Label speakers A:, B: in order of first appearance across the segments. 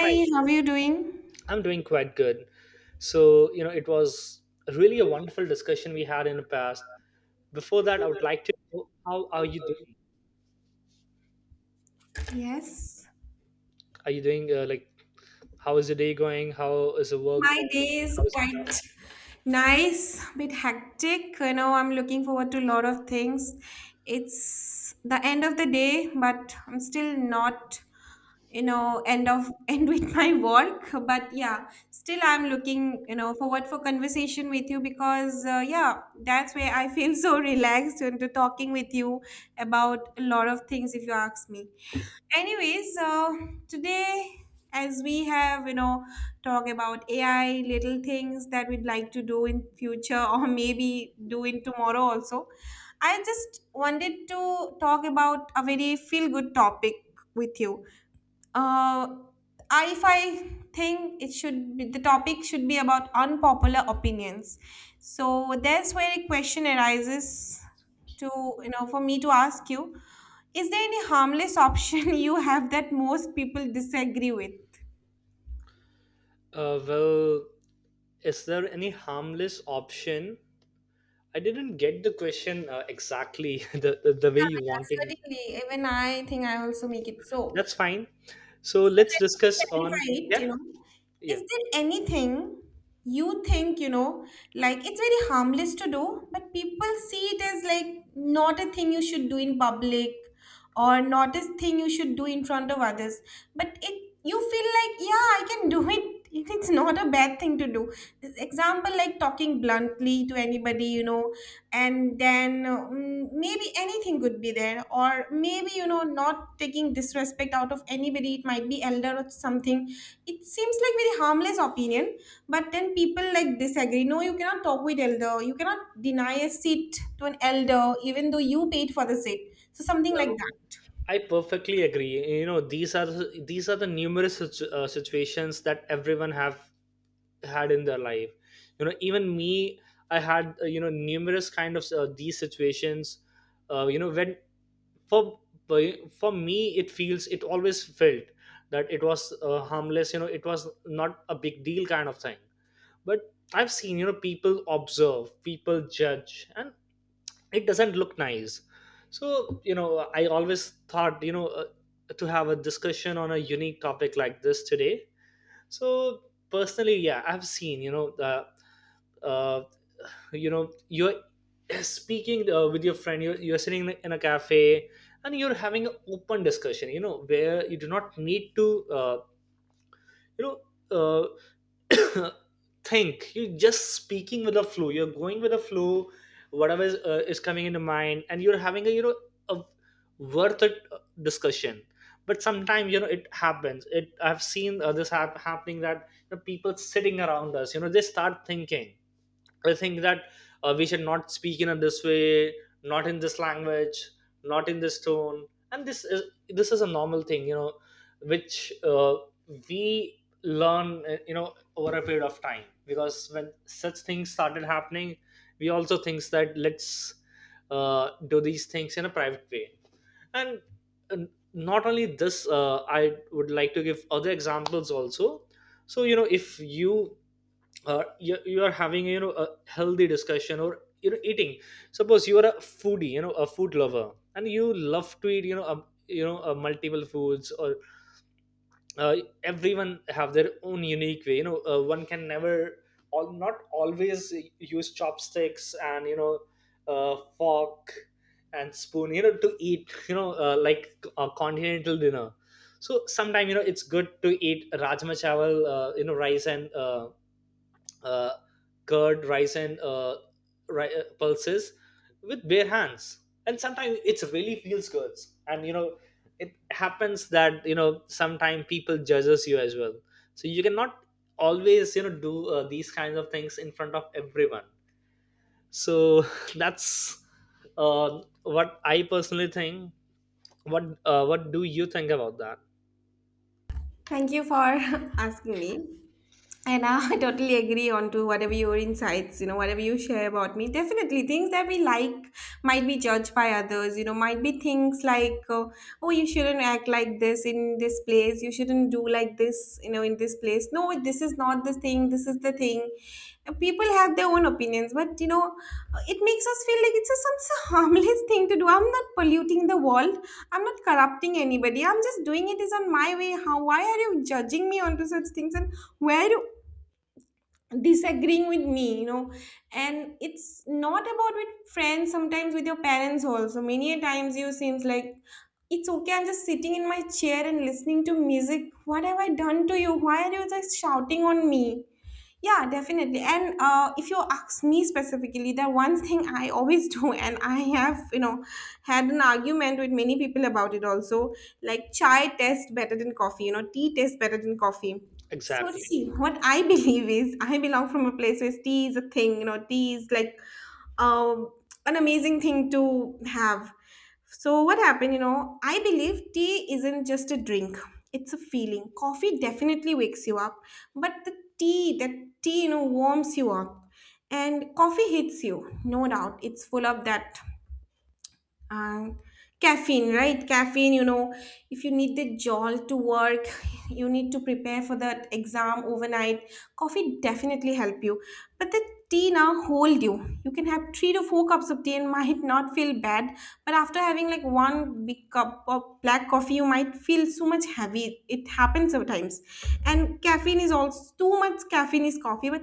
A: Hi,
B: how are you doing?
A: I'm doing quite good. So, you know, it was really a wonderful discussion we had in the past. Before that, I would like to know how are you doing?
B: Yes.
A: Are you doing like, how is your day going? How is the work
B: My day
A: going?
B: is
A: How is the class?
B: quite nice, bit hectic. You know, I'm looking forward to a lot of things. It's the end of the day, but I'm still not, you know, end of end with my work. But yeah, still I'm looking, you know, forward for conversation with you because yeah, that's where I feel so relaxed into talking with you about a lot of things if you ask me. Anyways, today as we have you know talk about ai little things that we'd like to do in future or maybe do in tomorrow also. I just wanted to talk about a very feel good topic with you. uh, if I think it should be, the topic should be about unpopular opinions. So that's where a question arises to, you know, for me to ask you, is there any harmless option you have that most people disagree with?
A: Well, is there any harmless option? I didn't get the question exactly the, the
B: Yeah,
A: the way you wanted.
B: yeah, certainly. Even I think I also make it so.
A: That's fine. So
B: So
A: let's
B: let me
A: discuss on.
B: clarify it,
A: Yeah.
B: you know.
A: Yeah.
B: Is there anything you think, you know, like it's very harmless to do, but people see it as like not a thing you should do in public or not a thing you should do in front of others. But it you feel like, yeah, I can do it. It's not a bad thing to do. Example like talking bluntly to anybody, you know, and then maybe anything could be there, or maybe you know not taking disrespect out of anybody, it might be elder or something. It seems like very harmless opinion, but then people like disagree, no you cannot talk with elder, you cannot deny a seat to an elder even though you paid for the seat, so something like
A: Well,
B: that.
A: I perfectly agree. You know, these are the numerous situations that everyone have had in their life. You know, even me, I had you know, numerous kind of these situations. You know, when for for me, it feels, it always felt that it was harmless. You know, it was not a big deal kind of thing. But I've seen, you know, people observe, people judge, and it doesn't look nice. So you know, I always thought, you know, to have a discussion on a unique topic like this today. So personally, yeah, I've seen, you know, the uh, you know, you're speaking with your friend, you're sitting in a cafe, and you're having an open discussion, you know, where you do not need to you know, uh, think. You're just speaking with a flow, you're going with a flow, whatever is coming into mind, and you're having a, you know, a worth it discussion. But sometimes, you know, it happens. It, I've seen this happening that, you know, people sitting around us, you know, they start thinking, I think that we should not speak in a this way, not in this language, not in this tone. And this is, this is a normal thing, you know, which we learn, you know, over a period of time. Because when such things started happening, we also thinks that let's do these things in a private way. And uh, not only this, I would like to give other examples also. So you know, if you you, you are having, you know, a healthy discussion, or you know, eating, suppose you are a foodie, you know, a food lover, and you love to eat, you know, a, you know, multiple foods, or uh, everyone have their own unique way, you know. One can never, all, not always use chopsticks, and you know, fork and spoon, you know, to eat, you know, like a continental dinner. So sometime, you know, it's good to eat rajma chawal, you know, rice and uh, curd, rice, and pulses with bare hands. And sometimes it's really feels good. And you know, it happens that, you know, sometimes people judges you as well. So you cannot always, you know, do these kinds of things in front of everyone. So that's what I personally think. What do you think about that?
B: Thank you for asking me. And I totally agree on to whatever your insights, you know, whatever you share about me. Definitely, things that we like might be judged by others, you know, might be things like, oh, you shouldn't act like this in this place, you shouldn't do like this, you know, in this place. No, this is not the thing, this is the thing. People have their own opinions, but, you know, it makes us feel like it's a, some so harmless thing to do. I'm not polluting the world, I'm not corrupting anybody, I'm just doing it is on my way. How, why are you judging me onto such things? And where do disagreeing with me, you know, and it's not about with friends, sometimes with your parents also many a times you seems like, it's okay, I'm just sitting in my chair and listening to music, what have I done to you, why are you just shouting on me? Yeah, definitely. And if you ask me specifically, the one thing I always do, and I have, you know, had an argument with many people about it also, like chai tastes better than coffee, you know, tea tastes better than coffee. So see,
A: Exactly.
B: what I believe is I belong from a place where tea is a thing, you know, tea is like um, an amazing thing to have. So what happened, you know, I believe tea isn't just a drink. It's a feeling. Coffee definitely wakes you up, but the tea, that tea, you know, warms you up. And coffee hits you, no doubt. It's full of that and caffeine, right? Caffeine, you know, if you need the jolt to work, you need to prepare for that exam overnight, coffee definitely help you. But the tea now hold you, you can have three to four cups of tea and might not feel bad, but after having like one big cup of black coffee you might feel so much heavy, it happens sometimes. And caffeine is also too much, caffeine is coffee. But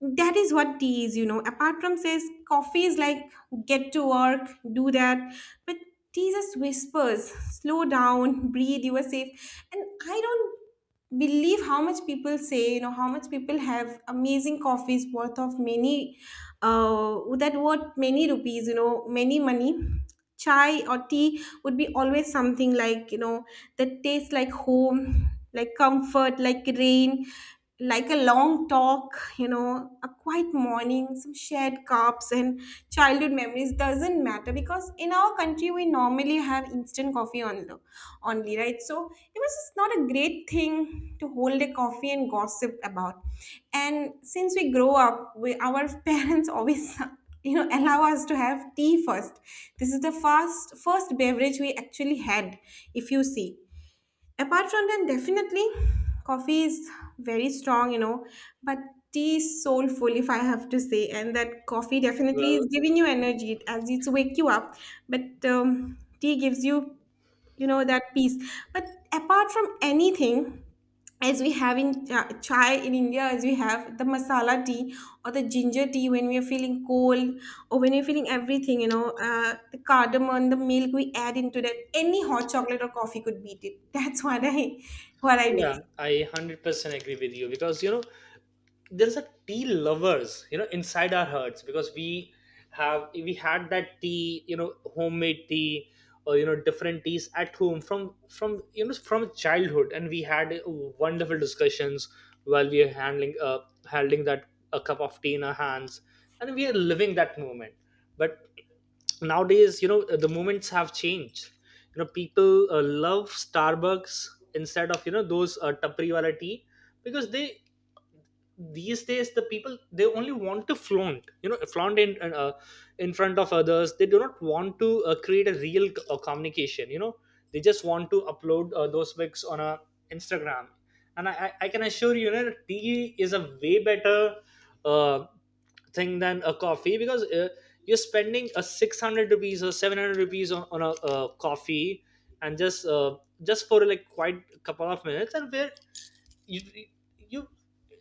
B: that is what tea is, you know. Apart from says coffee is like, get to work, do that. But Jesus whispers, slow down, breathe, you are safe. And I don't believe how much people say, you know, how much people have amazing coffees worth of many, that worth many rupees, you know, many money. Chai or tea would be always something like, you know, that tastes like home, like comfort, like rain, like a long talk, you know, a quiet morning, some shared cups, and childhood memories. Doesn't matter, because in our country we normally have instant coffee only, only, right? So it was just not a great thing to hold a coffee and gossip about. And since we grow up, we, our parents always, you know, allow us to have tea first. This is the first beverage we actually had, if you see. Apart from that, definitely coffee is very strong, you know, but tea is soulful, if I have to say. And that coffee definitely
A: Well,
B: is giving you energy, it- as it's wake you up. But tea gives you, you know, that peace. But apart from anything, as we have in chai in india, as we have the masala tea or the ginger tea when we are feeling cold, or when we are feeling everything, you know, the cardamom, the milk we add into that, any hot chocolate or coffee could beat it. That's what I, what I
A: yeah,
B: believe.
A: I 100% agree with you, because you know, there's a tea lovers, you know, inside our hearts, because we have, we had that tea, you know, homemade tea, or you know, different teas at home, from you know, from childhood, and we had wonderful discussions while we are handling handling that a cup of tea in our hands, and we are living that moment. But nowadays, you know, the moments have changed. You know, people love Starbucks instead of, you know, those Tupperware tea, because they, these days the people, they only want to flaunt, you know, flaunt in, in front of others. They do not want to create a real communication, you know, they just want to upload those pics on a Instagram. And I can assure you, you know, tea is a way better uh, thing than a coffee, because you're spending a 600 rupees or 700 rupees on a, coffee, and just for like quite a couple of minutes, and where you you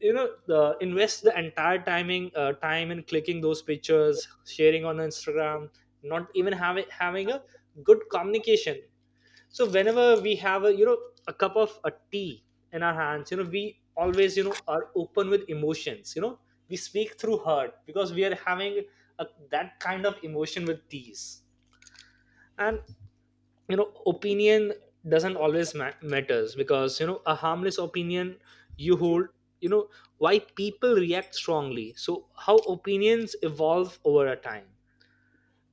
A: you know the invest the entire timing time in clicking those pictures, sharing on Instagram, not even having a good communication. So whenever we have a, you know, a cup of a tea in our hands, you know, we always, you know, are open with emotions, you know, we speak through heart, because we are having a, that kind of emotion with teas. And you know, opinion doesn't always matters, because you know, a harmless opinion you hold, you know, why people react strongly, so how opinions evolve over a time.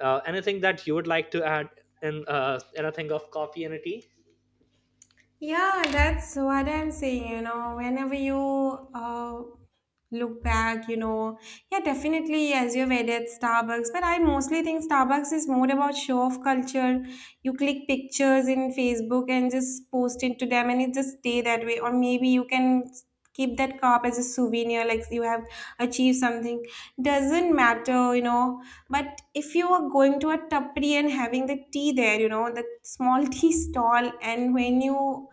A: Anything that you would like to add in, anything of coffee and a tea?
B: Yeah, that's what I'm saying. You know, whenever you uh, look back, you know, yeah, definitely, as you've added Starbucks, but I mostly think Starbucks is more about show off culture. You click pictures in Facebook and just post it to them, and it just stay that way. Or maybe you can keep that cup as a souvenir, like you have achieved something. Doesn't matter, you know. But if you are going to a tapri and having the tea there, you know, the small tea stall, and when you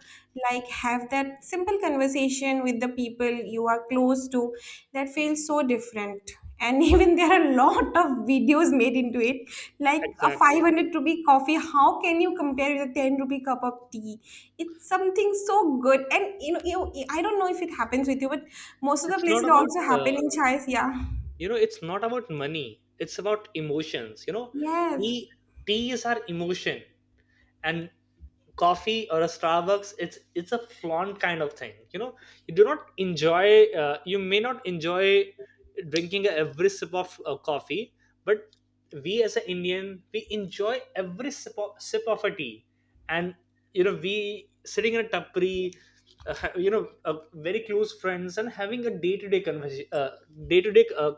B: like have that simple conversation with the people you are close to, that feels so different. And even there are a lot of videos made into it, like a
A: Exactly.
B: 500 rupee coffee, how can you compare with a 10 rupee cup of tea? It's something so good. And you know you, I don't know if it happens with you, but most of the
A: It's
B: places
A: not
B: it
A: about
B: also happen in chais, yeah.
A: you know, it's not about money, it's about emotions, you know.
B: Yes,
A: Tea tea is our emotion. And coffee or a Starbucks, it's a flaunt kind of thing, you know. You do not enjoy you may not enjoy drinking every sip of coffee, but we as an Indian, we enjoy every sip of a tea. And you know, we sitting in a tapri, you know, very close friends, and having a day to day conversation, day to day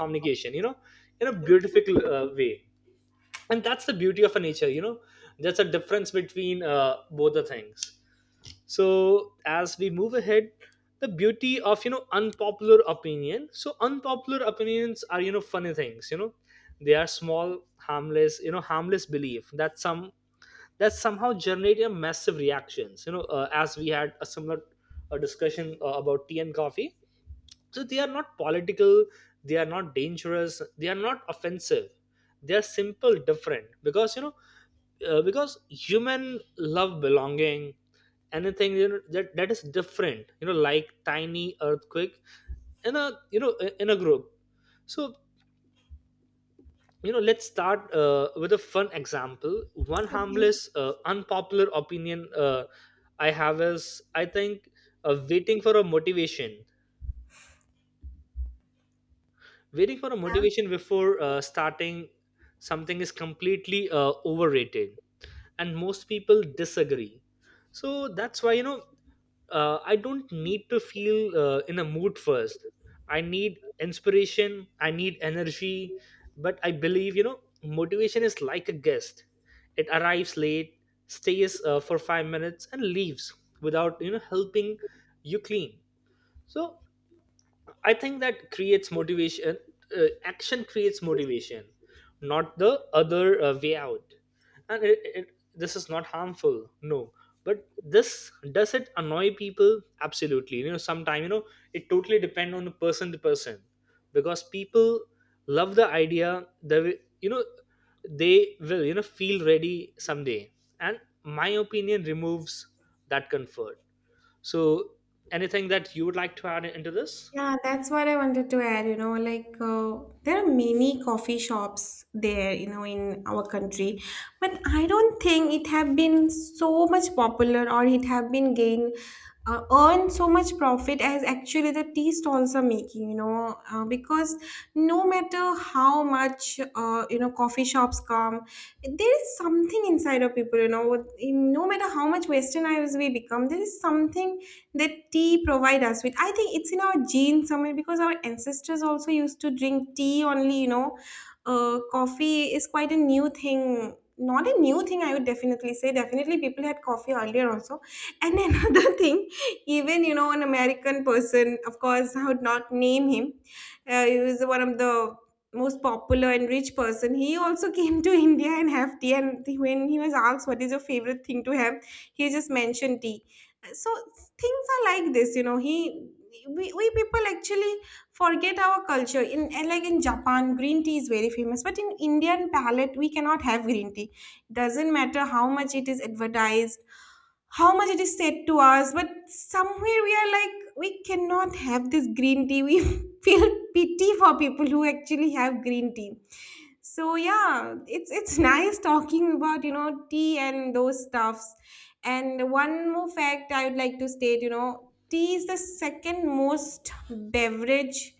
A: communication, you know, in a beautiful way. And that's the beauty of a nature, you know. There's a difference between both the things. So as we move ahead, the beauty of, you know, unpopular opinion. So unpopular opinions are, you know, funny things, you know. They are small, harmless, you know, harmless belief that somehow generate a massive reactions, you know, as we had a similar discussion about tea and coffee. So they are not political, they are not dangerous, they are not offensive, they are simple different, because you know, because human love belonging anything, you know, that is different, you know, like tiny earthquake in a, you know, in a group. So you know, let's start with a fun example. One harmless unpopular opinion I have is, I think waiting for a motivation, waiting for a motivation before starting something is completely overrated, and most people disagree. So that's why, you know, I don't need to feel in a mood first, I need inspiration, I need energy. But I believe, you know, motivation is like a guest. It arrives late, stays for 5 minutes and leaves without, you know, helping you clean. So I think that creates motivation. Action creates motivation, not the other way out. And this is not harmful, no. But this, does it annoy people? Absolutely. You know, sometimes, you know, it totally depends on the person to person, because people love the idea. You know, they will, you know, feel ready someday, and my opinion removes that comfort. So, anything that you would like to add into this?
B: yeah, that's what I wanted to add. You know, like there are many coffee shops there, you know, in our country, but I don't think it have been so much popular, or it have been gained earn so much profit as actually the tea stalls are making. You know, because no matter how much you know coffee shops come, there is something inside of people. You know, with- in- no matter how much westernized we become, there is something that tea provide us with. I think it's in our genes somewhere, because our ancestors also used to drink tea only, you know. Uh, coffee is quite a new thing, not a new thing I would definitely say, definitely people had coffee earlier also. And another thing, even you know an american person, of course I would not name him, he was one of the most popular and rich person, he also came to india and have tea, and when he was asked what is your favorite thing to have, he just mentioned tea. So things are like this, you know, we people actually forget our culture in, and like in japan green tea is very famous, but in indian palate we cannot have green tea, doesn't matter how much it is advertised, how much it is said to us, but somewhere we are like, we cannot have this green tea, we feel pity for people who actually have green tea. So yeah, it's nice talking about you know tea and those stuffs. And one more fact I would like to state, you know, tea is the second most beverage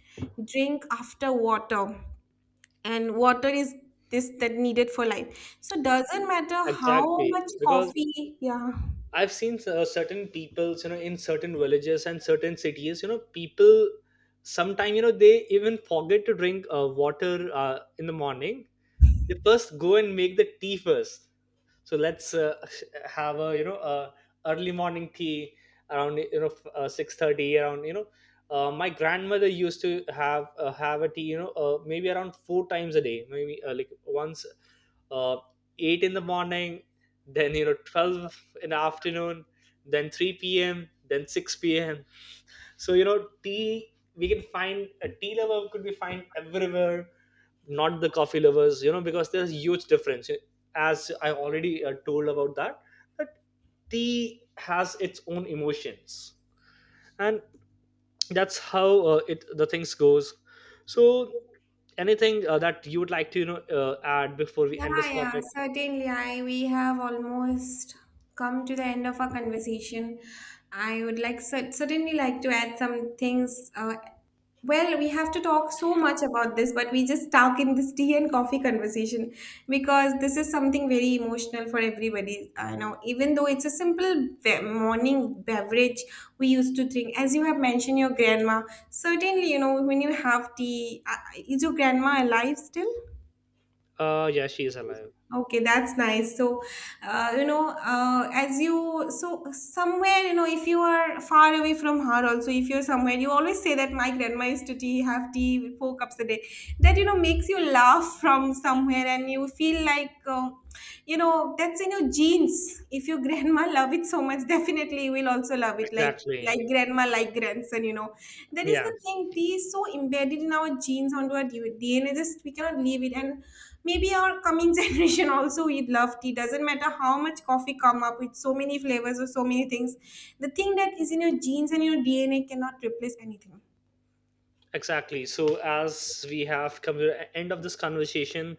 B: drink after water. And water is this that needed for life. So doesn't matter how
A: Exactly,
B: much
A: because
B: coffee, yeah.
A: I've seen certain peoples, you know, in certain villages and certain cities, you know, people sometime, you know, they even forget to drink water in the morning. They first go and make the tea first. So let's have a, you know, early morning tea around, you know, 6:30 around, you know, my grandmother used to have a tea, you know, maybe around 4 times a day, maybe like once, uh, 8 in the morning, then you know, 12 in the afternoon, then 3 p.m., then 6 p.m. So you know, tea, we can find a tea lover could be find everywhere, not the coffee lovers, you know, because there's huge difference, as I already told about that, that tea has its own emotions. And that's how it the things goes. So anything that you would like to, you know, add before we
B: Yeah,
A: end this
B: yeah,
A: topic?
B: certainly. I we have almost come to the end of our conversation. I would like certainly like to add some things. Well, we have to talk so much about this, but we just stuck in this tea and coffee conversation, because this is something very emotional for everybody. I know, even though it's a simple morning beverage we used to drink, as you have mentioned, your grandma. Certainly, you know, when you have tea, is your grandma alive still?
A: Yeah, she is alive.
B: Okay, that's nice. So, you know, as you, so somewhere, you know, if you are far away from her, also, if you're somewhere, you always say that my grandma used to tea, have tea with four cups a day. That, you know, makes you laugh from somewhere and you feel like, you know, that's in your genes. If your grandma love it so much, definitely you will also love it. Like
A: Exactly.
B: grandma, like grandson, you know. That is
A: Yeah,
B: the thing. Tea is so embedded in our genes, onto our DNA. Just, we cannot leave it. And maybe our coming generation also we love tea, doesn't matter how much coffee come up with so many flavors or so many things, the thing that is in your genes and your dna cannot replace anything.
A: exactly. So as we have come to the end of this conversation,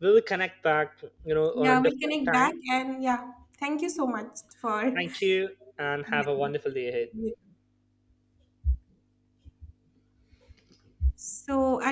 A: we will connect back, you know, on a
B: Yeah, we'll
A: different
B: connect back,
A: time.
B: and yeah, thank you so much for
A: Thank you and have a
B: everything.
A: wonderful day ahead.
B: So are